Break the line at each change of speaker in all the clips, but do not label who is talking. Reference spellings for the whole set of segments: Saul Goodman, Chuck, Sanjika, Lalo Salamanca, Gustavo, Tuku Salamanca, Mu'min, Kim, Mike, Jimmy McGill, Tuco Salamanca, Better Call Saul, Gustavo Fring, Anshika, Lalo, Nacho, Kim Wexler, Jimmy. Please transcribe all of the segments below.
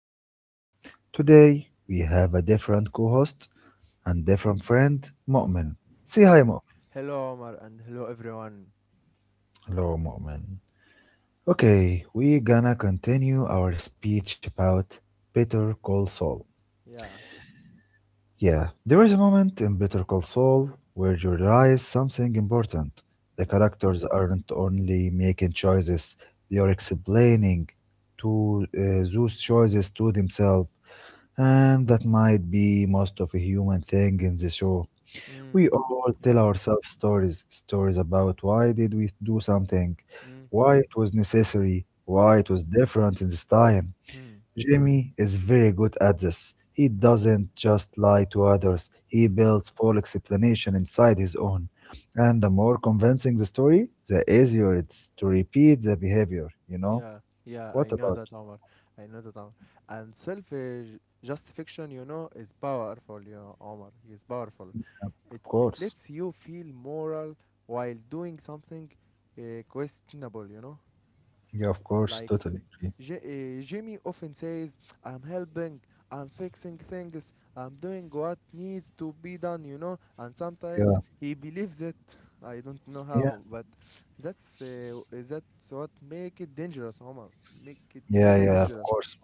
podcast. Today, we have a different co host and
Mm,
different friend, Mu'min.
yeah.
Say hi,
Hel-
Mu'min.
hello, Omar, and hello, everyone.
Hello, Mu'min. Okay, we're gonna continue our speech about Better Call Saul.
Yeah.
Yeah, there is a moment in Better Call Saul where you realize something important. The
Mm.
characters aren't only making choices, they are explaining to those choices to themselves. And that might be most of a human thing in the show.
Mm.
We all tell
Yeah.
ourselves stories, stories about why did we do something,
Mm.
why it was necessary,
Yeah.
why it was different in this time.
Hmm.
Jimmy is very good at this. He doesn't just lie to others. He builds full explanation inside his own. And the more convincing the story, the
Y-
easier it's to repeat the behavior, you know?
Yeah. Yeah.
What
I know
about?
that, Omar. I know that, Omar. And self justification, is powerful, Omar. It's powerful. It
Of
it
course.
lets you feel moral while doing something questionable.
Yeah, of course,
Like
totally agree.
Jimmy often says, "I'm helping, I'm fixing things, I'm doing what needs to be done," and sometimes
Yeah.
he believes it. I don't know
Yeah.
how, but that's what make it dangerous, Omar. Make it
Yeah,
very
yeah, of
dangerous.
course.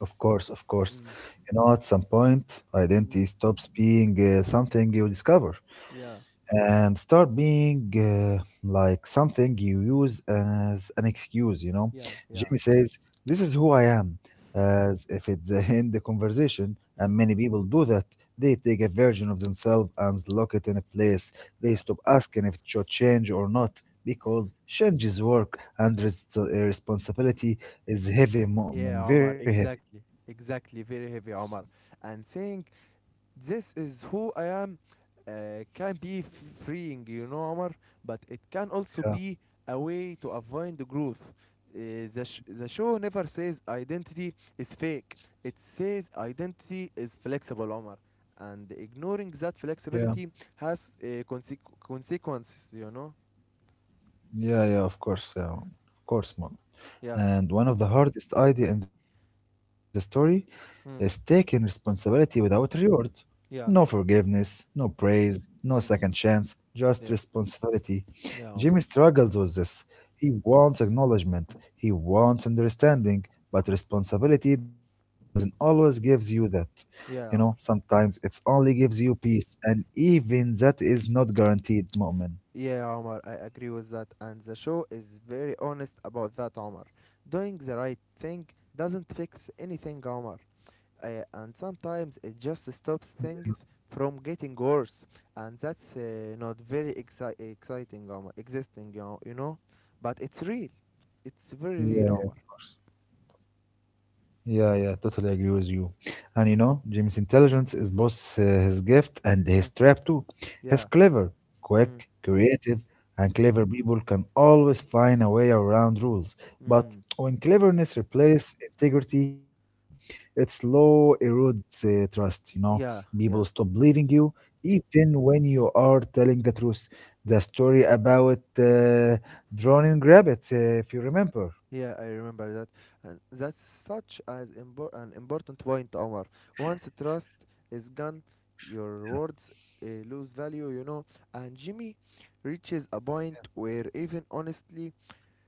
Of course, of course.
Mm.
You know, at some point, identity
Mm.
stops being something you discover
Yeah,
and start being like something you use as an excuse, you know.
yeah, yeah.
Jimmy says, "This is who I am,"
Hmm.
as if it's the end the conversation, and many
Mm.
people do that. They take a version of themselves and lock it in a place. They
Yeah.
stop asking if it should change or not because change is work and responsibility is heavy, moment,
Yeah,
very
Omar,
heavy.
exactly. Exactly, very heavy, Omar. And saying "This is who I am" can be freeing, Omar, but it can also
Yeah.
be a way to avoid the growth. The show never says identity is fake; it says identity is flexible, Omar. And ignoring that
Yeah.
flexibility has consequences.
Yeah, yeah, of course, mom.
Yeah.
And one of the hardest idea in the story is
Mm.
taking responsibility without reward. No
Yeah.
forgiveness, no praise, no
Mm.
second chance, just
Yeah.
responsibility.
Yeah, Omar.
Jimmy struggles with this. He wants acknowledgement, he wants understanding, but responsibility doesn't always gives you that. You know,
Yeah, Omar.
sometimes it's only gives you peace, and even that is not guaranteed, moment.
Yeah, Omar, I agree with that. And the show is very honest about that, Omar. Doing the right thing doesn't fix anything, Omar. And sometimes it just stops things from getting worse. And that's not very exciting, Omar. Existing. But it's real. It's very real, Omar.
Yeah, yeah, totally agree with you. And you know, Jim's intelligence is both his gift and his
Mm.
trap too. He's
Yeah.
clever,
Mm.
quick, creative, and clever people can always find a way around rules. But
Mm.
when cleverness replaces integrity, it slow erodes trust. You know,
Yeah,
people stop
yeah.
believing you even when you are telling the truth. The story about drowning rabbits, if you remember.
Yeah, I remember that. And that's such as an important point, Omar. Once trust is gone, your words lose value. And Jimmy reaches a point where even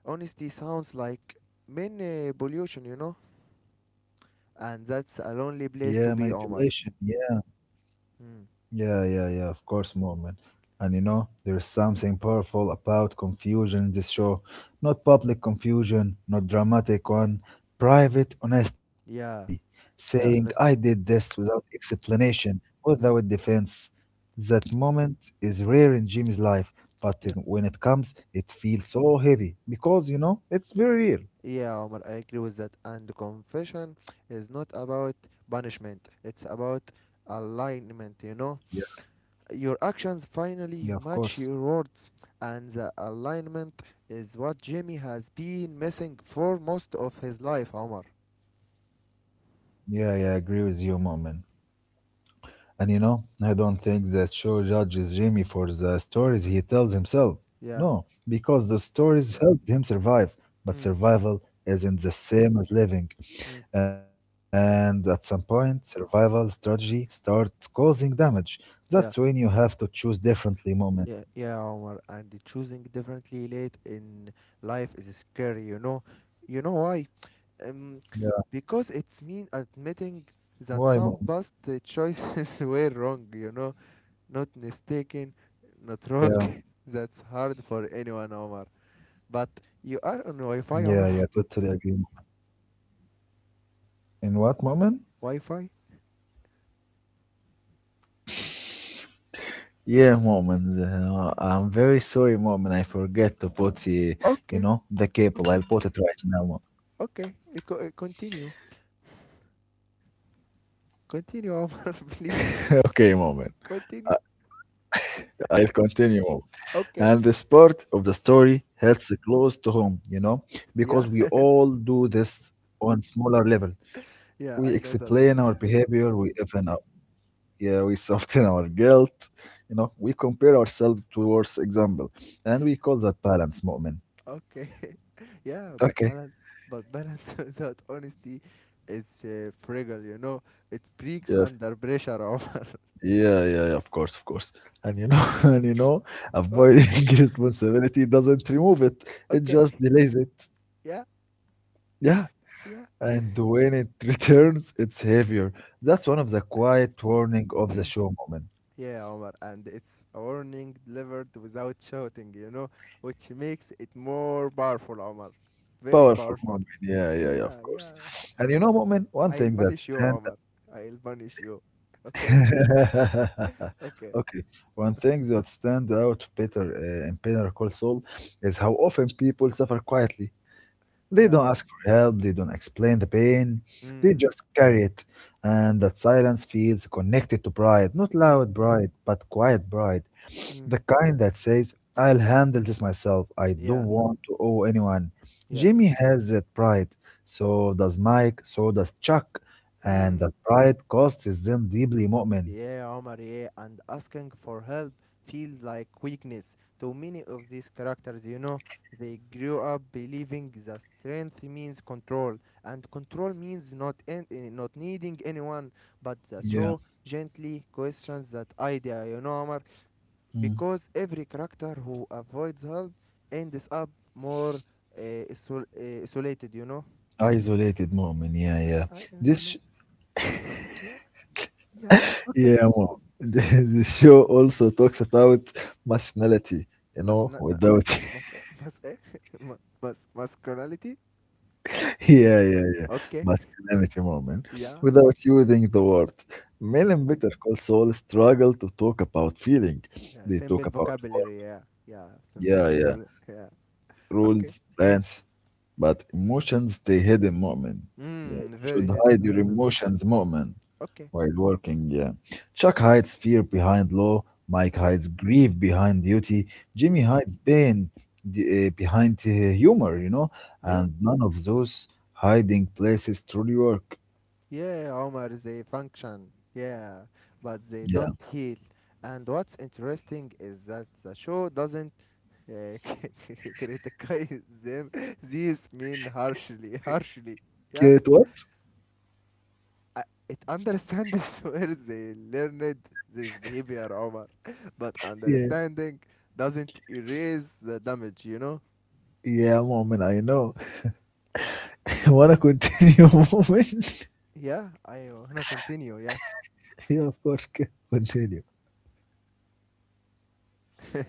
honesty sounds like manipulation, you know. And that's a lonely place to
Yeah,
be, Omar.
manipulation. Yeah.
Mm.
Yeah, yeah, yeah, of course, Mormon. And you know, there's something powerful about confusion in this show. Not public confusion, not dramatic one,
Mm.
private honesty.
Yeah,
Saying, "I
yeah,
did
honestly.
this without explanation, without
Mm.
defense." That moment is rare in Jimmy's life, but
Yeah.
when it comes, it feels so heavy because, you know, it's very real.
Yeah, Omar, I agree with that. And confession is not about punishment; it's about alignment,
Yeah,
you know. Your actions
yeah, of
finally
course.
match your words, and the alignment is what Jimmy has been missing for most of his life, Omar.
Yeah, yeah, I agree with you, Mormon. And you know, I don't think that show judges Jimmy for the stories he tells himself.
Yeah.
No, because the stories helped him survive. But
Mm,
survival isn't the same as living.
mm,
And at some point, survival strategy starts causing damage. That's when you
yeah.
have to choose differently, moment.
Yeah, yeah, Omar. And choosing differently late in life is scary. You know why? Um,
Yeah,
because it's mean
why
admitting
moment?
that some past choices were wrong, not mistaken, not
Yeah,
wrong. That's hard for anyone, Omar. But you are on Wi-Fi,
yeah,
Omar.
yeah, totally agree. Mu'min. In what moment?
Wi-Fi?
Yeah, moment. I'm very sorry, moment. I forget to put, you
Okay,
know, the cable.
okay,
I'll put it right now.
okay. Continue. Continue, Omar,
Okay,
please.
moment.
Continue.
I'll continue. Moment. And this
Okay.
part of the story hits close to home, you know, because we
Yeah,
all do this on smaller level.
yeah,
We
I know that,
explain
Omar.
our behavior, we even up. Yeah, we soften our guilt, you know, we compare ourselves to worse example. And we call that balance moment.
Okay. Yeah, but balance,
Okay.
but balance without honesty is fragile. It breaks
Yeah.
under pressure, Omar.
Yeah, yeah, yeah, of course, of course. And you know, and you know,
But
avoiding responsibility doesn't remove it. It
okay.
just delays it.
Yeah,
Yeah.
yeah.
And when it returns, it's heavier. That's one of the quiet warning of the show, moment.
Yeah, Omar. And it's a warning delivered without shouting, which makes it more powerful, Omar. Very
Powerful
powerful.
moment. Yeah, yeah, yeah,
Yeah,
of course.
yeah.
And you know, moment, one
I'll
thing that
punish you,
stand
Omar. I'll punish you. Okay? Okay.
okay, one
Okay.
thing that stand out better in Better Call Saul is how often people suffer quietly. They
Yeah.
don't ask for help. They don't explain the pain. They
Mm.
just carry it, and that silence feels connected to pride, not
Mm.
loud pride, but quiet pride.
Mm.
The kind that says, "I'll handle this myself. I don't
Yeah.
want to owe anyone."
Yeah.
Jimmy has that pride. So does Mike. So does Chuck. And
Mm.
that pride costs them deeply, Mu'min.
Yeah, Omar, yeah, and asking for help feels like weakness to many of these characters. They grew up believing that strength means control, and control means not en- eh, not needing anyone. But the
Yeah.
show gently questions that idea, Omar,
Mm.
because every character who avoids help ends up more isolated.
Isolated Mu'min. Yeah,
I,
yeah.
I
This, sh-
isolated. Yeah, yeah. Okay.
yeah, Mu'min. The show also talks about masculinity, you
Mas
know,
not
without.
mas mas eh masculinity.
Yeah, yeah, yeah.
Okay.
Masculinity moment.
Yeah.
Without using the word, Mel and
Yeah.
Better Call Saul struggle to talk about feeling.
Yeah.
They talk
Simple
about war.
vocabulary. Yeah. Yeah. Simple
Yeah, yeah,
vocabulary. Yeah. Okay.
rules, plans, but emotions stay hidden, moment. Yeah,
Mm,
you
very
should hide
hidden. I
your
know.
emotions, moment,
Okay.
while working. Yeah, Chuck hides fear behind law. Mike
Mm,
hides grief behind duty. Jimmy
mm.
hides pain behind humor. You know,
Yeah.
and none of those hiding places truly work.
Yeah, Omar, they function. Yeah. But they
Yeah,
don't heal. And what's interesting is that the show doesn't uh, criticize them. These mean harshly. Harshly. Yeah,
get what?
I- it understand this where they learned this behavior, Omar. But
Yeah,
understanding doesn't erase the damage?
yeah, moment. I know. Wanna continue, moment?
Yeah, I going to continue, yeah.
Yeah, of course. Continue.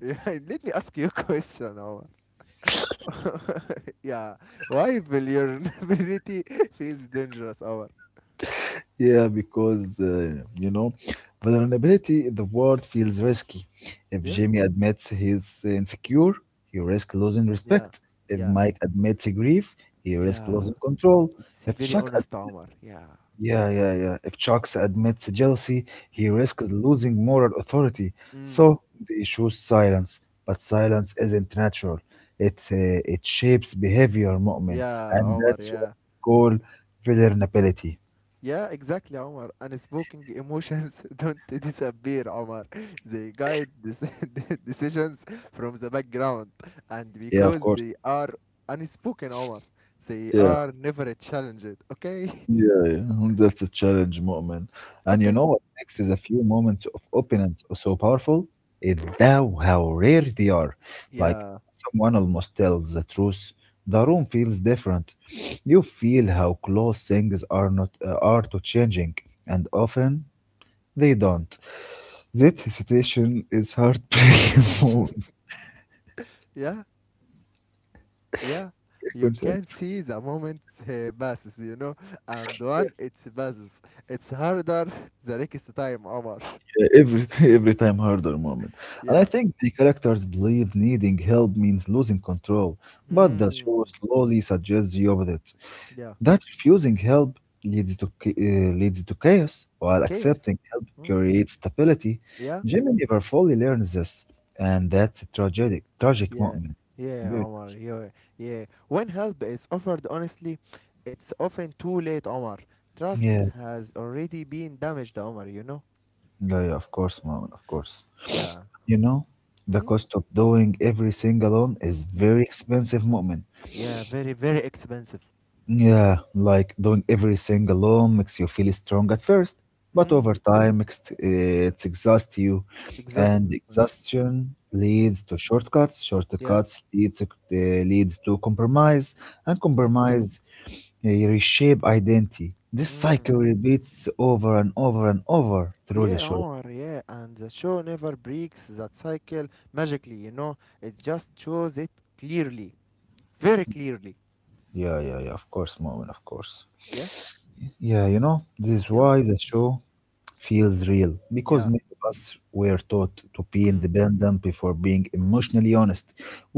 Yeah, let me ask you a question, Omar. Yeah, why vulnerability feels dangerous, Omar?
Yeah, because you know, vulnerability in the world feels risky. If
Yeah,
Jimmy admits he's insecure, he risks losing
yeah,
respect. If
yeah,
Mike admits grief, he risks
yeah.
losing control.
It's a
If
very
Chuck,
honest,
ad-
Omar. Yeah.
yeah, yeah, yeah. If Chuck admits jealousy, he
Mm.
risks losing moral authority.
Mm.
So the issue is silence, but silence isn't natural. It uh, it shapes behavior, Mu'min,
Yeah,
and
Omar,
that's what
yeah.
we call vulnerability.
Yeah, exactly, Omar. Unspoken emotions don't disappear, Omar. They guide decisions from the background. And
Yeah, of
because
course.
they are unspoken, Omar, they
Yeah.
are never challenged. Okay?
Yeah, yeah, that's a challenge, Mu'min. And you
Okay.
know what makes is a few moments of openness so powerful? It's thou how rare they are. Like
Yeah.
someone almost tells the truth, the room feels different. You feel how close things are not are to changing, and often they don't. That hesitation is heartbreaking.
Yeah. Yeah. You
Mu'min.
can see the moment passes, and when it passes, it's harder the next time, Omar.
E every every time harder moment. And I
Yeah.
think the characters believe needing help means losing control, but the show
Hmm.
slowly suggests the opposite.
Yeah.
That refusing help leads to chaos, while
Chaos.
accepting help
Hmm?
creates stability.
Yeah.
Jimmy never fully learns this, and that's a tragic tragic
Yeah,
moment.
yeah,
Very-
Omar. Yeah, yeah. When help is offered honestly, it's often too late, Omar. Trust
Yeah,
has already been damaged, Omar.
yeah, yeah, of course, moment, of course.
Yeah.
You know, the
Mm?
cost of doing everything alone is
Yeah.
very expensive moment.
Yeah, very, very expensive.
Yeah, like doing everything alone makes you feel strong at first, but
Mm.
over time it exhausts you,
Exhaust.
and exhaustion
Mm?
leads to shortcuts.
Yeah.
Shortcuts leads to compromise, and
Yeah.
compromise reshape identity. This
Mm.
cycle repeats over and over and over through the
Yeah,
show.
Omar, yeah. And the show never breaks that cycle magically. It just shows it clearly. Very clearly.
Yeah, yeah, yeah. Of course, moment. Of course.
Yeah?
Yeah, you know, this is
Yeah?
why the show feels real because
Yeah.
many of us were taught to be
Mm.
independent before being emotionally honest.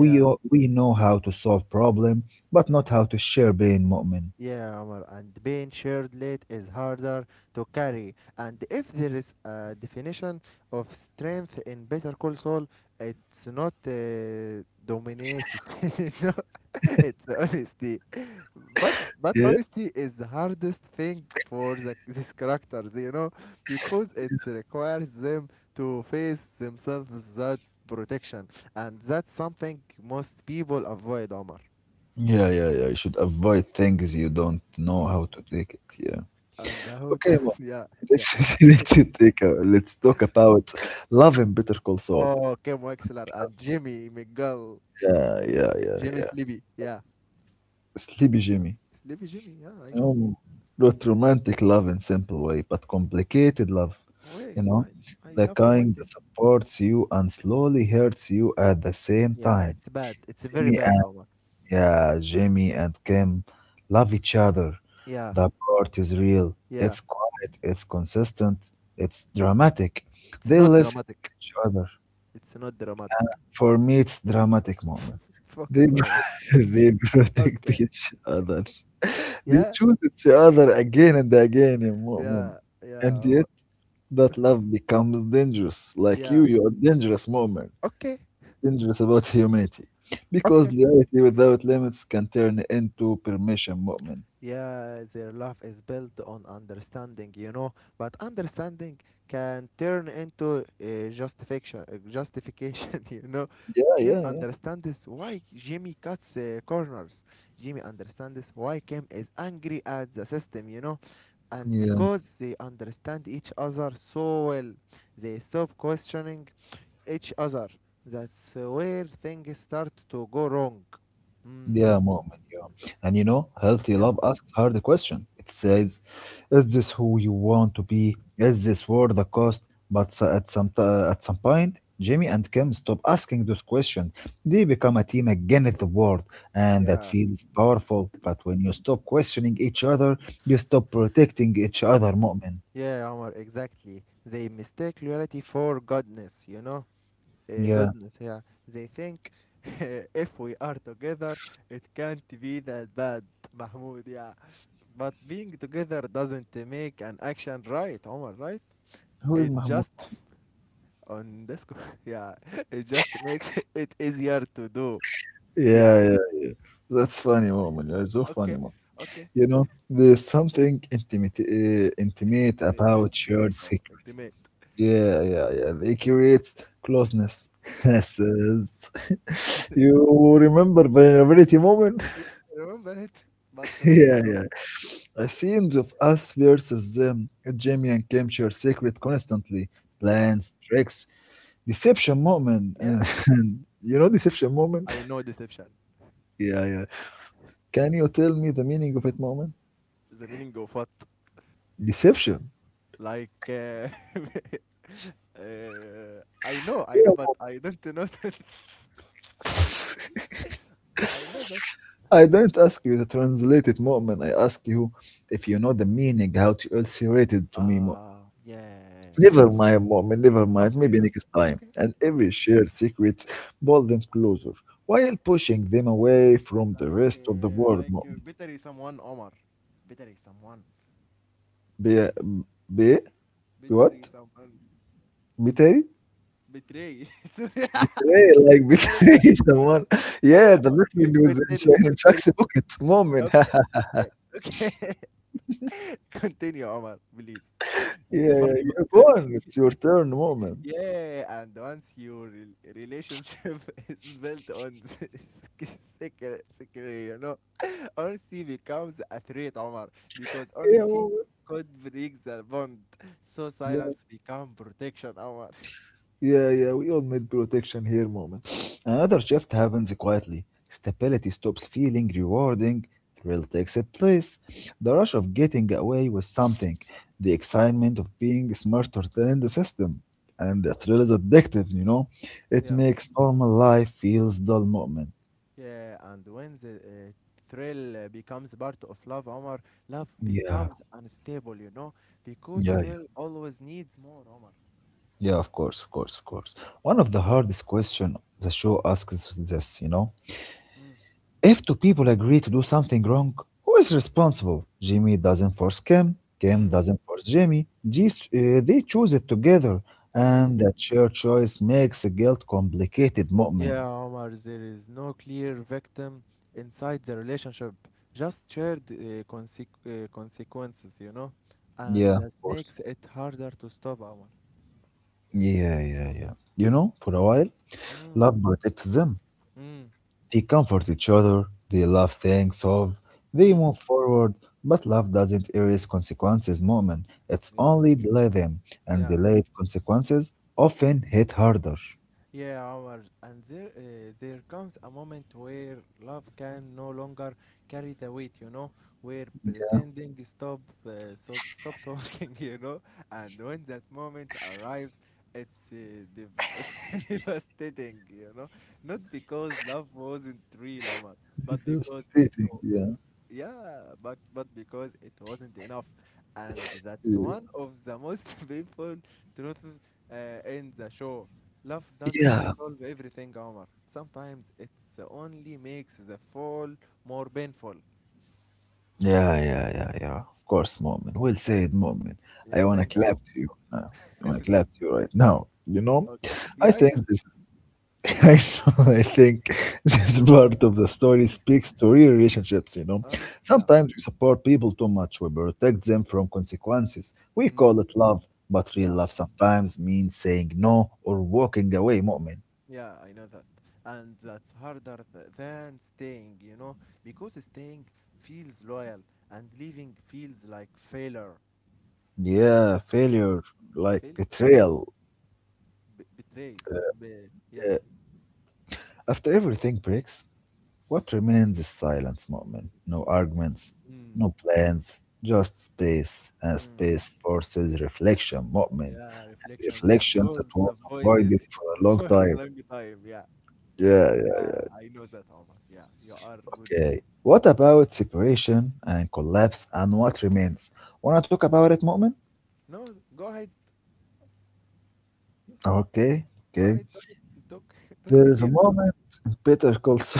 We know how to solve problem, but not how to share pain, Mu'min.
Yeah, Omar, and being shared late is harder to carry. And if there is a definition of strength in Better Call Saul, it's not dominance. No, it's honesty. But
Yeah.
honesty is the hardest thing for these characters, because it requires them to face themselves without protection, and that's something most people avoid, Omar.
Yeah, yeah, yeah. You should avoid things you don't
Y-
know how to take it. Yeah.
And how? To,
Okay, mom.
yeah,
Let's let's take a, let's talk about love and bitter Call Saul.
oh, Kim Wexler and Jimmy McGill.
Yeah, yeah, yeah,
Jimmy
yeah.
Sleepy. Yeah.
Sleepy Jimmy.
Sleepy Jimmy. Yeah, I know.
Um, not romantic love in simple way, but complicated love,
Wait,
you know,
why? I
the
love
kind
romantic.
that supports you and slowly hurts you at the same
Yeah,
time.
it's bad. It's very
Jimmy
bad,
and
Omar.
yeah, Jimmy and Kim love each other.
Yeah.
The part is real.
Yeah.
It's quiet. It's consistent. It's dramatic.
It's
They
not
listen to
dramatic.
each other.
It's not dramatic.
For me, it's dramatic moment. They
Focus, Omar.
they protect
Okay.
each other, they
Yeah.
choose each other again and again, يا مؤمن.
Yeah. Yeah.
And yet,
Omar.
that love becomes dangerous. Like you,
Yeah.
you are dangerous, مؤمن.
Okay.
Dangerous about humanity. Because
Okay.
loyalty without limits can turn into permission, مؤمن.
Yeah, their love is built on understanding, but understanding can turn into justification, you know.
Yeah,
Kim
yeah, yeah.
understands why Jimmy cuts corners. Jimmy understands why Kim is angry at the system, and
Yeah.
because they understand each other so well, they stop questioning each other. That's where things start to go wrong.
Yeah,
Mm.
Mu'min, yeah. And you know, healthy
Yeah,
love asks hard question. It says, "Is this who you want to be? Is this worth the cost?" But at some point, Jimmy and Kim stop asking those questions. They become a team against the world, and that
yeah.
feels powerful. But when you stop questioning each other, you stop protecting each other, Mu'min.
Yeah, Omar, exactly. They mistake loyalty for goodness?
Yeah.
Goodness, yeah. They think if we are together, it can't be that bad, Mahmoud, yeah. But being together doesn't make an action right, Omar, right?
Who is
It
Mahmoud?
just, on this, co- Yeah, it just makes it easier to do.
Yeah,
Yeah,
yeah. That's funny, Mu'min. You're so funny,
okay,
Mu'min.
okay.
You know, there's something intimate, intimate
Intimate, yeah,
about shared
intimate, Omar,
secrets.
intimate.
Yeah, yeah, yeah. They create closeness.
Yeah,
Yes, yes. You remember vulnerability moment?
yeah, I remember it, but
yeah,
continue.
yeah. I scenes of us versus them. Jamie and Kim share secret constantly.
Yeah,
Plans, tricks, deception moment.
yeah,
And you know deception
I
moment?
know deception.
yeah, yeah. Can you tell me the meaning of it moment?
The meaning of what?
Deception.
Like, I know, but
Yeah.
I don't know that. I know that.
I didn't ask you to translate it, Mu'min. I ask you if you know the meaning, how to illustrate it to me, Mu'min.
Ah, yeah.
Never mind, Mu'min, never mind.
Okay,
Maybe
okay,
next time.
okay,
And
okay.
every shared secret pulled them closer, while pushing them away from the
Like,
rest of the
uh,
world,
like uh,
Mu'min.
betray someone, Omar. Betray someone.
Be, be, be
Betray
what?
someone.
Betray?
Betray. Sorry.
Betray, like
Betray.
betray someone. Yeah, the
Okay,
betray was in,
continue,
In
continue.
Chuck's pocket, Mu'min.
Okay, okay, okay. Continue, Omar, please.
Yeah,
It's
yeah,
funny,
you're
but
gone. It's your turn, Mu'min.
yeah, and once your relationship is built on this secret, honesty becomes a threat, Omar, because
Yeah,
honesty
Mu'min.
could break the bond. So silence become protection, Omar.
Yeah, yeah, we all need protection here moment. Another shift happens quietly. Stability stops feeling rewarding, thrill takes its place. The rush of getting away with something, the excitement of being smarter than the system. And the thrill is addictive, you know? It
Yeah,
makes normal life feels dull moment.
yeah, and when the thrill becomes part of love, Omar, love
Yeah,
becomes unstable, because
yeah, yeah.
thrill always needs more, Omar.
Yeah, of course, of course, of course. One of the hardest question the show asks is this, you know?
Mm.
If two people agree to do something wrong, who is responsible? Jimmy doesn't force Kim, Kim
Mm.
doesn't force Jimmy. They choose it together, and
Mm.
that shared choice makes guilt complicated, mu'min.
Yeah, Omar, there is no clear victim inside the relationship, just shared consequences, and
Yeah, of
that
course.
makes it harder to stop, Omar.
Yeah, yeah, yeah. You know, for a while,
Mm,
love protects them.
mm,
They comfort each other, they love things of, they
mm.
move forward, but love doesn't erase consequences, moment. It's
Yeah,
only delay them, and
yeah.
delayed consequences often hit harder.
Yeah, Omar, and there comes a moment where love can no longer carry the weight, where
Yeah.
pretending stops working, and when that moment arrives, it's devastating, not because love wasn't real, Omar, but because
Devastating, yeah.
yeah, but because it wasn't enough, and that's one of the most painful truths in the show. Love doesn't
Yeah.
solve everything, Omar. Sometimes it only makes the fall more painful.
Yeah, yeah, yeah, yeah. Of course, moment. Well said, moment. I
Yeah,
wanna
thank
clap
you.
to you now. I wanna
Okay.
clap to you right now. You know?
Yeah,
I
I
think
know.
this is I know, I think this part of the story speaks to real relationships, you know.
Uh, yeah.
Sometimes we support people too much, we protect them from consequences. We
Mm,
call it love, but real
yeah,
love sometimes means saying no or walking away, moment.
yeah, I know that. And that's harder than staying, because staying feels loyal and leaving feels like failure.
Yeah, failure, like
Failure.
betrayal.
Betray. Yeah.
After everything breaks, what remains is silence, Mu'min. No arguments,
Mm.
no plans, just space, and
Mm.
space forces reflection, Mu'min.
Yeah, reflection that
Reflections that
was
was
avoided
avoided for a long
for a
time.
long time. Yeah.
Yeah, yeah,
Yeah, I know that, Omar. Yeah, you are good.
okay. What about separation and collapse and what remains? Wanna talk about it, Mu'min?
No, go ahead.
Okay,
Go
okay.
ahead. Talk it. Talk, talk
There
it.
is a
You talk.
moment in Better Call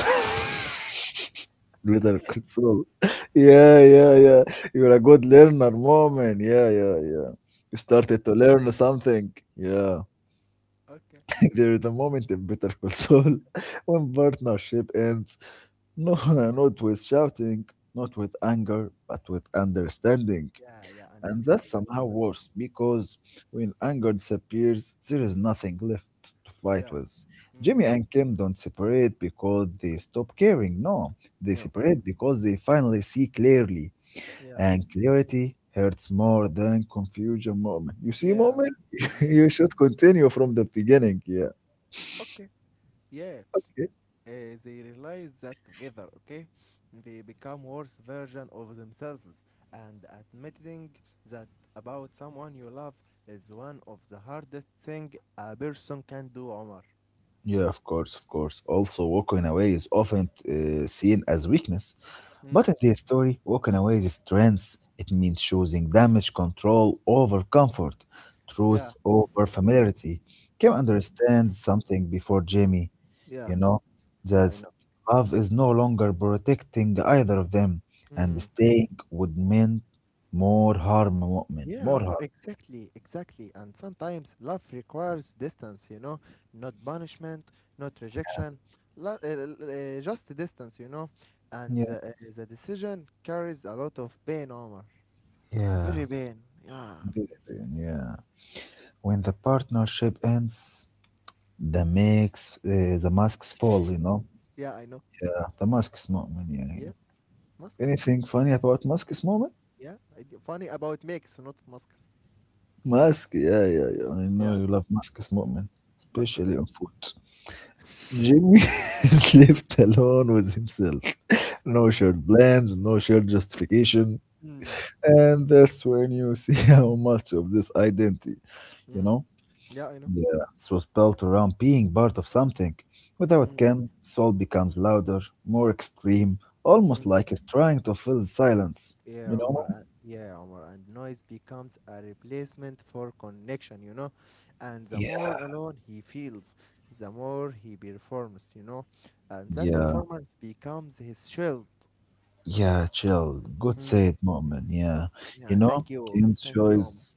Little console. Yeah, yeah, yeah. You're a good learner, moment. Yeah, yeah, yeah. You
It. Okay.
started to learn something. Yeah.
Okay.
There is a moment in Better Call Saul when partnership ends. No, not with shouting, not with anger, but with understanding.
Yeah, yeah,
And
understand.
that's
Yeah, I
somehow
know that.
worse because when anger disappears, there is nothing left to fight
Yeah.
with.
Mm.
Jimmy and Kim don't separate because they stop caring. No, they
Yeah.
separate because they finally see clearly.
Yeah.
And clarity hurts more than confusion moment. You see,
Yeah.
moment?
Yeah.
You should continue from the beginning. Yeah.
Okay. Yeah.
Okay?
uh, they realize that together, okay, they become worse version of themselves. And admitting that about someone you love is one of the hardest thing a person can do, Omar.
Yeah, of course, of course. Also, walking away is often seen as weakness.
Mm.
But in this story, walking away is strength. It means choosing damage control over comfort,
Yeah.
truth over familiarity. Kim
Mm.
understands something before Jamie,
Yeah.
you know,
Yeah, I
that
know.
love is no longer protecting either of them, and
Mm.
staying would mean more harm, Mu'min,
Yeah,
more
Omar,
harm.
exactly, exactly. And sometimes love requires distance, not punishment, not rejection, just distance. And
Yeah,
the decision carries a lot of pain, Omar.
yeah,
Very bad. Yeah.
big opinion, yeah. When the partnership ends, the masks fall, you know.
Yeah, I know.
Yeah, the masks, Mu'min, yeah, yeah.
Yeah, masks.
Anything funny about Musk's moment?
Yeah, I d funny about makes, not masks.
Musk, yeah, yeah, yeah. I know
Yeah,
you love Musk's moment,
okay.
especially on foot. Jimmy is left alone with himself. No
Mm,
shared plans, no shared justification.
mm,
And that's when you see how much of this identity, you
mm.
know?
Yeah, I know.
Yeah, it was built around being part of something. Without
Mm,
Ken, Saul becomes louder, more extreme, almost
mm.
like he's trying to fill the silence,
Yeah,
you know?
Omar. And, yeah, Omar. And noise becomes a replacement for connection. And the
Yeah.
more alone he feels, the more he performs. And that
Yeah,
performance becomes his shield.
yeah, chill. Good say
Mm.
it, moment. Yeah.
Okay.
You
Yeah,
know,
thank you. Thank you, Omar.
enjoys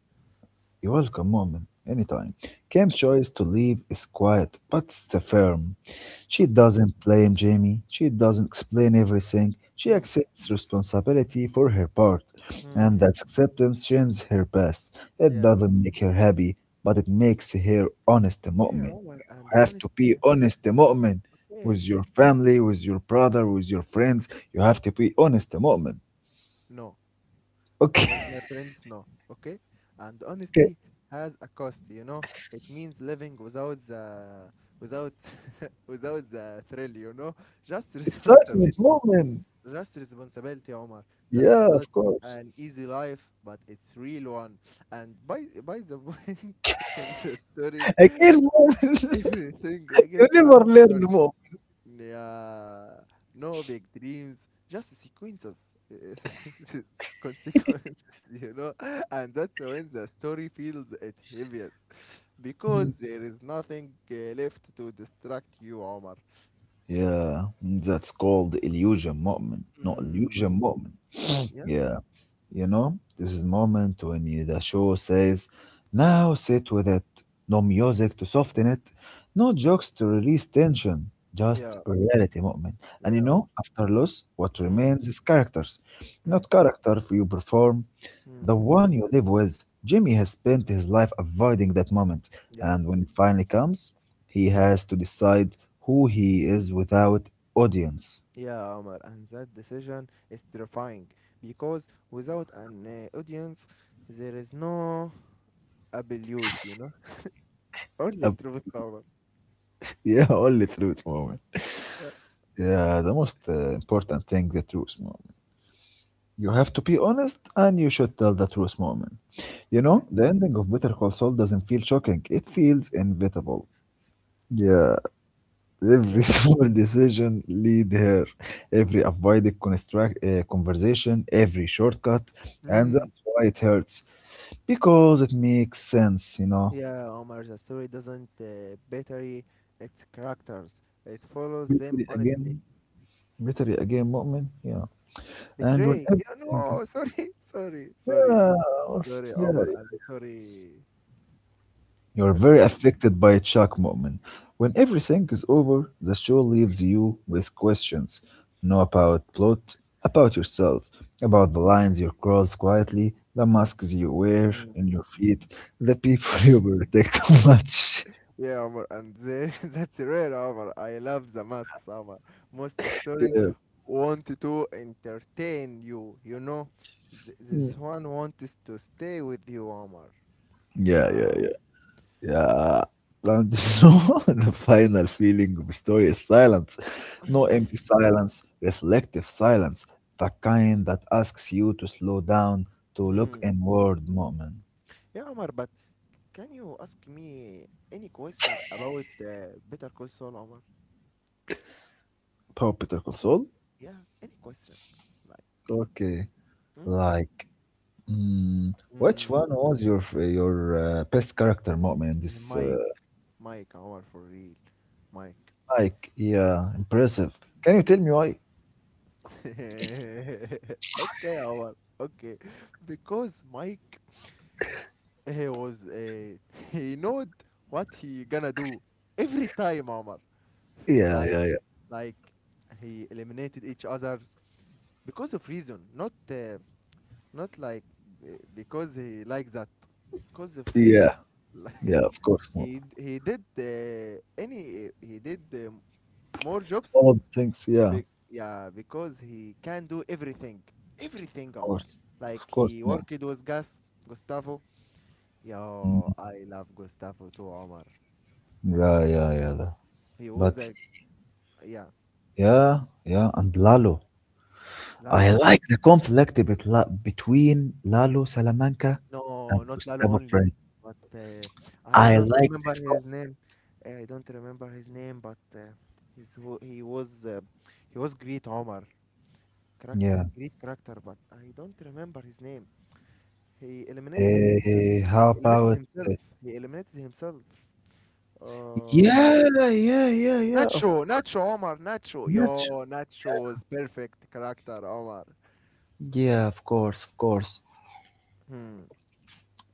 you're welcome, moment. Anytime. Cam's
Okay,
choice to leave is quiet, but it's a firm. She
okay.
doesn't blame Jamie. She doesn't explain everything. She
Mm,
accepts responsibility for her part,
mm.
and that acceptance changes her past. It
Yeah.
doesn't make her happy, but it makes her honest
Yeah,
moment.
Omar, and
You have to be
honesty.
honest moment
Okay.
with your family, with your brother, with your friends. You have to be honest moment.
No,
Okay,
with my friends, no. Okay? And
okay.
honesty has a cost? It means living without the without without the thrill, you know? Just
Excitement
responsibility.
moment.
Just responsibility, Omar. That's
Yeah,
not
of course.
an easy life, but it's real one. And by the point in the story,
اكيد مو
everything
you
extra
never
is
learn
gone.
more.
Yeah, no big dreams, just sequences, consequences, you know, and that's when the story feels it heaviest because there is nothing left to distract you, Omar.
Yeah, that's called illusion mu'min. No,
Mm,
illusion mu'min.
yeah,
Yeah, you know, this is moment when you- the show says, now sit with it. No music to soften it, no jokes to release tension, just
yeah,
reality moment. And
yeah,
you
Omar.
know, after loss, what
Mm,
remains is characters.
mm,
Not character you perform, the
mm,
one you live with. Jimmy has spent his life avoiding that moment,
yeah,
and when it finally comes, he has to decide who he is without audience.
yeah, Omar. And that decision is terrifying because without an audience, there is no abuse, you know, only
Uh,
truth, Omar.
yeah, only through it moment.
Yeah,
Yeah, the most important thing, the truth, moment. You have to be honest and you should tell the truth, moment. You know,
okay.
the ending of Better Call Saul doesn't feel shocking. It feels inevitable. Yeah,
Yeah.
every small decision lead here, every avoided conversation, every shortcut, and
Mm.
that's why it hurts. Because it makes sense, you know.
Yeah, Omar, the story doesn't betray its characters. It follows them
Literally
honestly.
again, literally again, moment, yeah. And when
Betray. Yeah,
everything,
no,
yeah,
sorry,
yeah,
Omar, and sorry.
you are
Okay.
very affected by a shock moment. When everything is over, the show leaves you with questions. Know about plot, about yourself, about the lines you cross quietly, the masks you wear in
Mm.
your feet, the people you protect too much.
Yeah, Omar, and there, that's rare, Omar. I love the masks, Omar. Most stories
Yeah,
want to entertain you, you know. This one wants to stay with you, Omar.
yeah,
Yeah.
yeah, yeah. And so the final feeling of a story is silence. No empty silence, reflective silence, the kind that asks you to slow down, to
Hmm.
look inward moment.
Yeah, Omar, but can you ask me any question about Better Call Saul, Omar?
Paw Peter Console?
Yeah, any question. Like,
Okay.
hmm?
Like, which
Mm,
one was your best character moment in this?
Mike, Mike, Omar, for real, Mike.
Like, yeah,
Hmm?
impressive. Can you tell me why?
Okay, Omar, okay. Because Mike, he was, he knowed what he gonna do every time, Omar.
Yeah,
Like,
yeah, yeah.
like, he eliminated each others because of reason, not like because he likes that, because of reason.
Yeah, yeah,
Like
of course, mom.
he d- he did any he did more jobs.
All the things, yeah, of
Yeah, because he can do everything, everything, Omar.
course. Of
Like
course,
he
mom.
worked with Gustavo. Yo, I love Gustavo too, Omar.
Yeah, yeah, yeah. The-
He was
but
like yeah,
yeah, yeah, and Lalo. I
Lalo.
like the between Lalo Salamanca and
No, not Lalo
Gustavo
only,
Fring.
but I
I
don't
like
remember
this
his
conflict.
name. Eh, I don't remember his name, but his wa- he was uh, he was great Omar, correct,
Yeah.
great character, but I don't remember his name. He eliminated
How
he eliminated
about?
himself. He eliminated himself. Uh,
Yeah, yeah, yeah, yeah. Of
Nacho, Nacho Omar, Nacho.
Nacho.
Yo, Nacho's perfect character, Omar.
Yeah, of course, of course.
Hmm.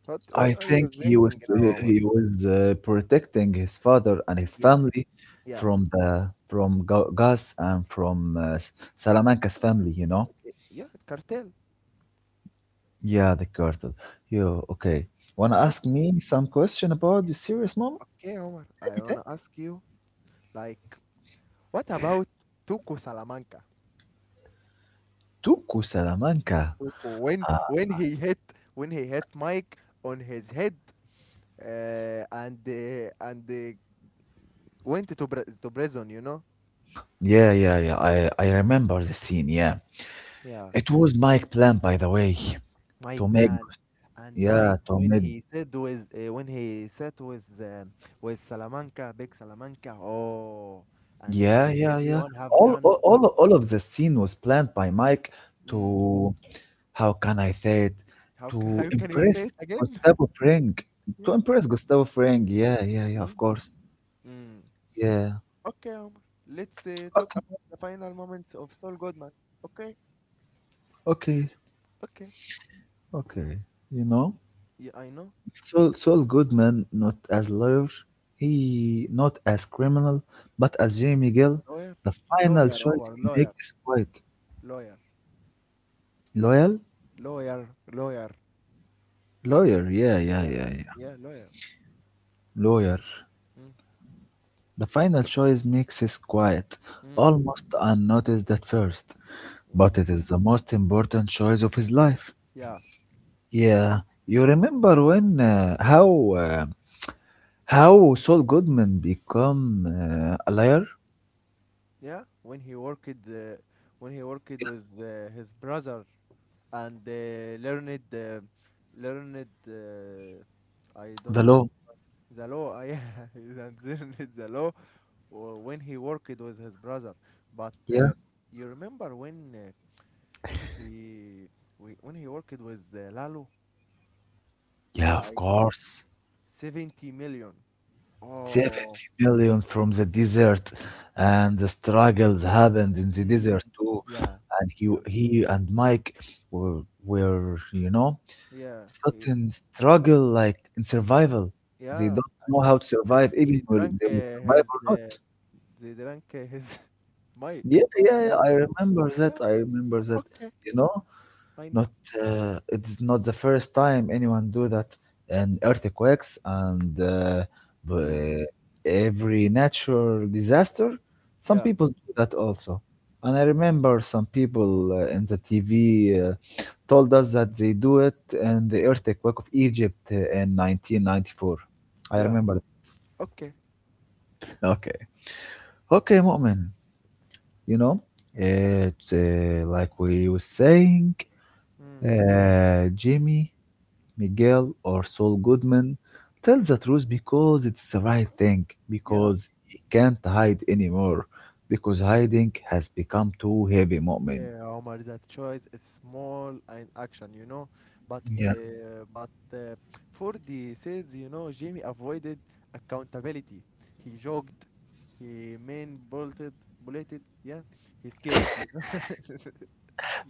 What
I
what are you
think he was
thinking now,
he
Omar?
he was uh, protecting his father and his
Yeah,
family
yeah,
from the from Gas and from Salamanca's family. You know.
yeah, cartel.
Yeah, the cartel. Yo, okay. Wanna ask me some question about the serious moment?
Okay, Omar, I
Anything?
wanna ask you, like, what about Tuco Salamanca?
Tuku Salamanca.
Tuco, when he hit Mike on his head, and went to to prison, you know?
Yeah, yeah, yeah. I remember the scene, yeah.
Yeah,
It was Mike plan, by the way. To
Mike
make
Plan, and
yeah,
Mike
to
when
make
he said with when he sat with Salamanca, big Salamanca, oh, and
yeah, yeah, yeah.
everyone have
All
gone.
all all all of the scene was planned by Mike
Mm,
to how can I say it?
how
To
how can you say
impress
it again?
Gustavo Fring. To
Yeah.
impress Gustavo Fring, yeah, yeah, yeah, of
Mm.
course.
Mm.
Yeah.
Okay, Omar. Let's talk
Okay,
about the final moments of Saul Goodman. Okay,
okay.
okay.
Okay, you know,
Yeah, I know.
Saul Goodman, not as lawyer, he not as criminal, but as Jamie Gill,
Lawyer,
the final
lawyer,
choice
Omar,
he makes is quite
lawyer,
loyal,
lawyer.
lawyer, yeah, yeah,
Yeah,
yeah, yeah,
yeah, lawyer.
lawyer.
Mm.
The final choice makes is quiet,
Mm.
almost unnoticed at first, but
Mm.
it is the most important choice of his life.
Yeah,
Yeah, you remember when uh, how Saul Goodman become a liar?
yeah. When he worked, with his brother and learned. I
The
don't
law.
think the law. Yeah, and learned the law when he worked with his brother. But
Yeah,
you remember when he when he worked with Lalo,
yeah, of
like
course.
70 million. Oh,
70 million from the desert, and the struggles happened in the
mm,
desert too.
yeah,
And he,
yeah,
he and Mike you know,
yeah,
certain struggle like in survival. They
yeah.
don't
And
know how to
they
survive, even
they
whether
drank
they will survive
his
or not.
they drank his Mike.
Yeah,
Mike
yeah, yeah.
drank
I
his.
remember
Yeah.
that. I remember that.
Okay.
You know,
I know.
not it's not the first time anyone do that, and earthquakes and
Mm,
b- every natural disaster. Some
yeah.
people do that also, and I remember some people in the TV told us that they do it in the earthquake of Egypt in 1994. I
Yeah.
remember.
Okay.
Okay. Okay, Mu'min. You know, it's like we were saying,
Mm,
Jimmy Miguel or Saul Goodman tells the truth because it's the right thing,
yeah.
because he can't hide anymore, because hiding has become too heavy, Mu'min.
Yeah, Omar, that choice is small and action, you know. But
Yeah.
but for the sales, you know, Jamie avoided accountability. He jogged, he main bolted, bulleted, yeah. He skipped, you know.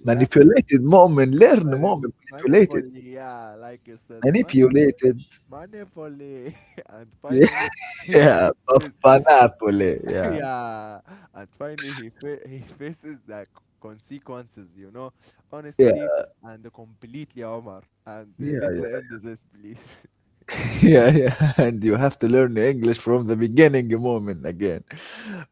Yeah,
Manipulated, Mu'min. Learn, Mu'min. Manipulated.
manifold, yeah, like I said,
Manipulated.
manifold, and finally he
Yeah. Of
fixes
Panapole. Yeah.
yeah, and finally he faces the consequences, you know,
Yeah.
honestly and completely, Omar. And
Yeah.
let's end
Yeah,
this, please.
yeah, yeah. And you have to learn English from the beginning moment again.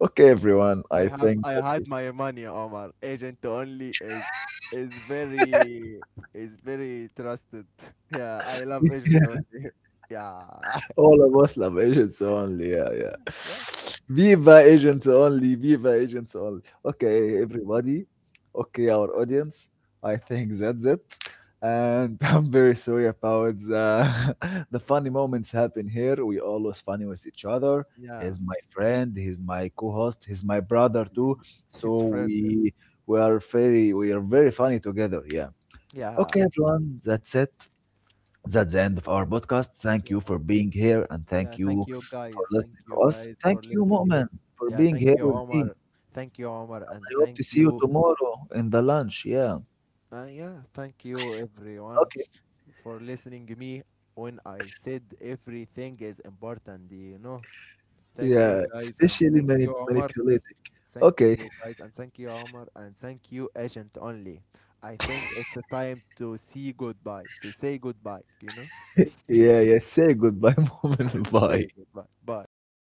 Okay, everyone, I think
I
that
had my money, Omar. Agent only is is very is very trusted. Yeah, I
we-
love agent only. Yeah,
all of us love agents only. Yeah,
yeah,
yeah.
yeah.
Viva agents only. Viva agents only.
Mm.
Okay,
Okay.
everybody. Okay, our audience. I think that's it. And I'm very sorry about the, the funny moments happen here. We always funny with each other.
Yeah,
He's my friend. He's my co-host. He's my brother too. So
friend.
we are very funny together. Yeah.
Yeah,
Okay, everyone. That's it. That's the end of our podcast. Thank
yeah.
you for being here and
Yeah,
thank
thank
you
you
for
guys. Thank
listening to
you
us.
guys for
Thank you,
listening to me.
Mu'min, for
Yeah,
being
thank
here
you
with me.
Omar. Thank you Omar and
I hope
thank
to see you
you
tomorrow in the lunch. Yeah.
yeah, thank you everyone
Okay.
for listening to me when I said everything is important, you know. Thank you
Yeah.
guys and
Especially
thank you Omar.
manipulating.
Thank
Okay.
you guys and thank you Omar and thank you agent only. I think it's a time to see goodbye, to say goodbye, you know?
yeah. Yeah. Say goodbye, Mu'min. Bye.
Say goodbye. Bye.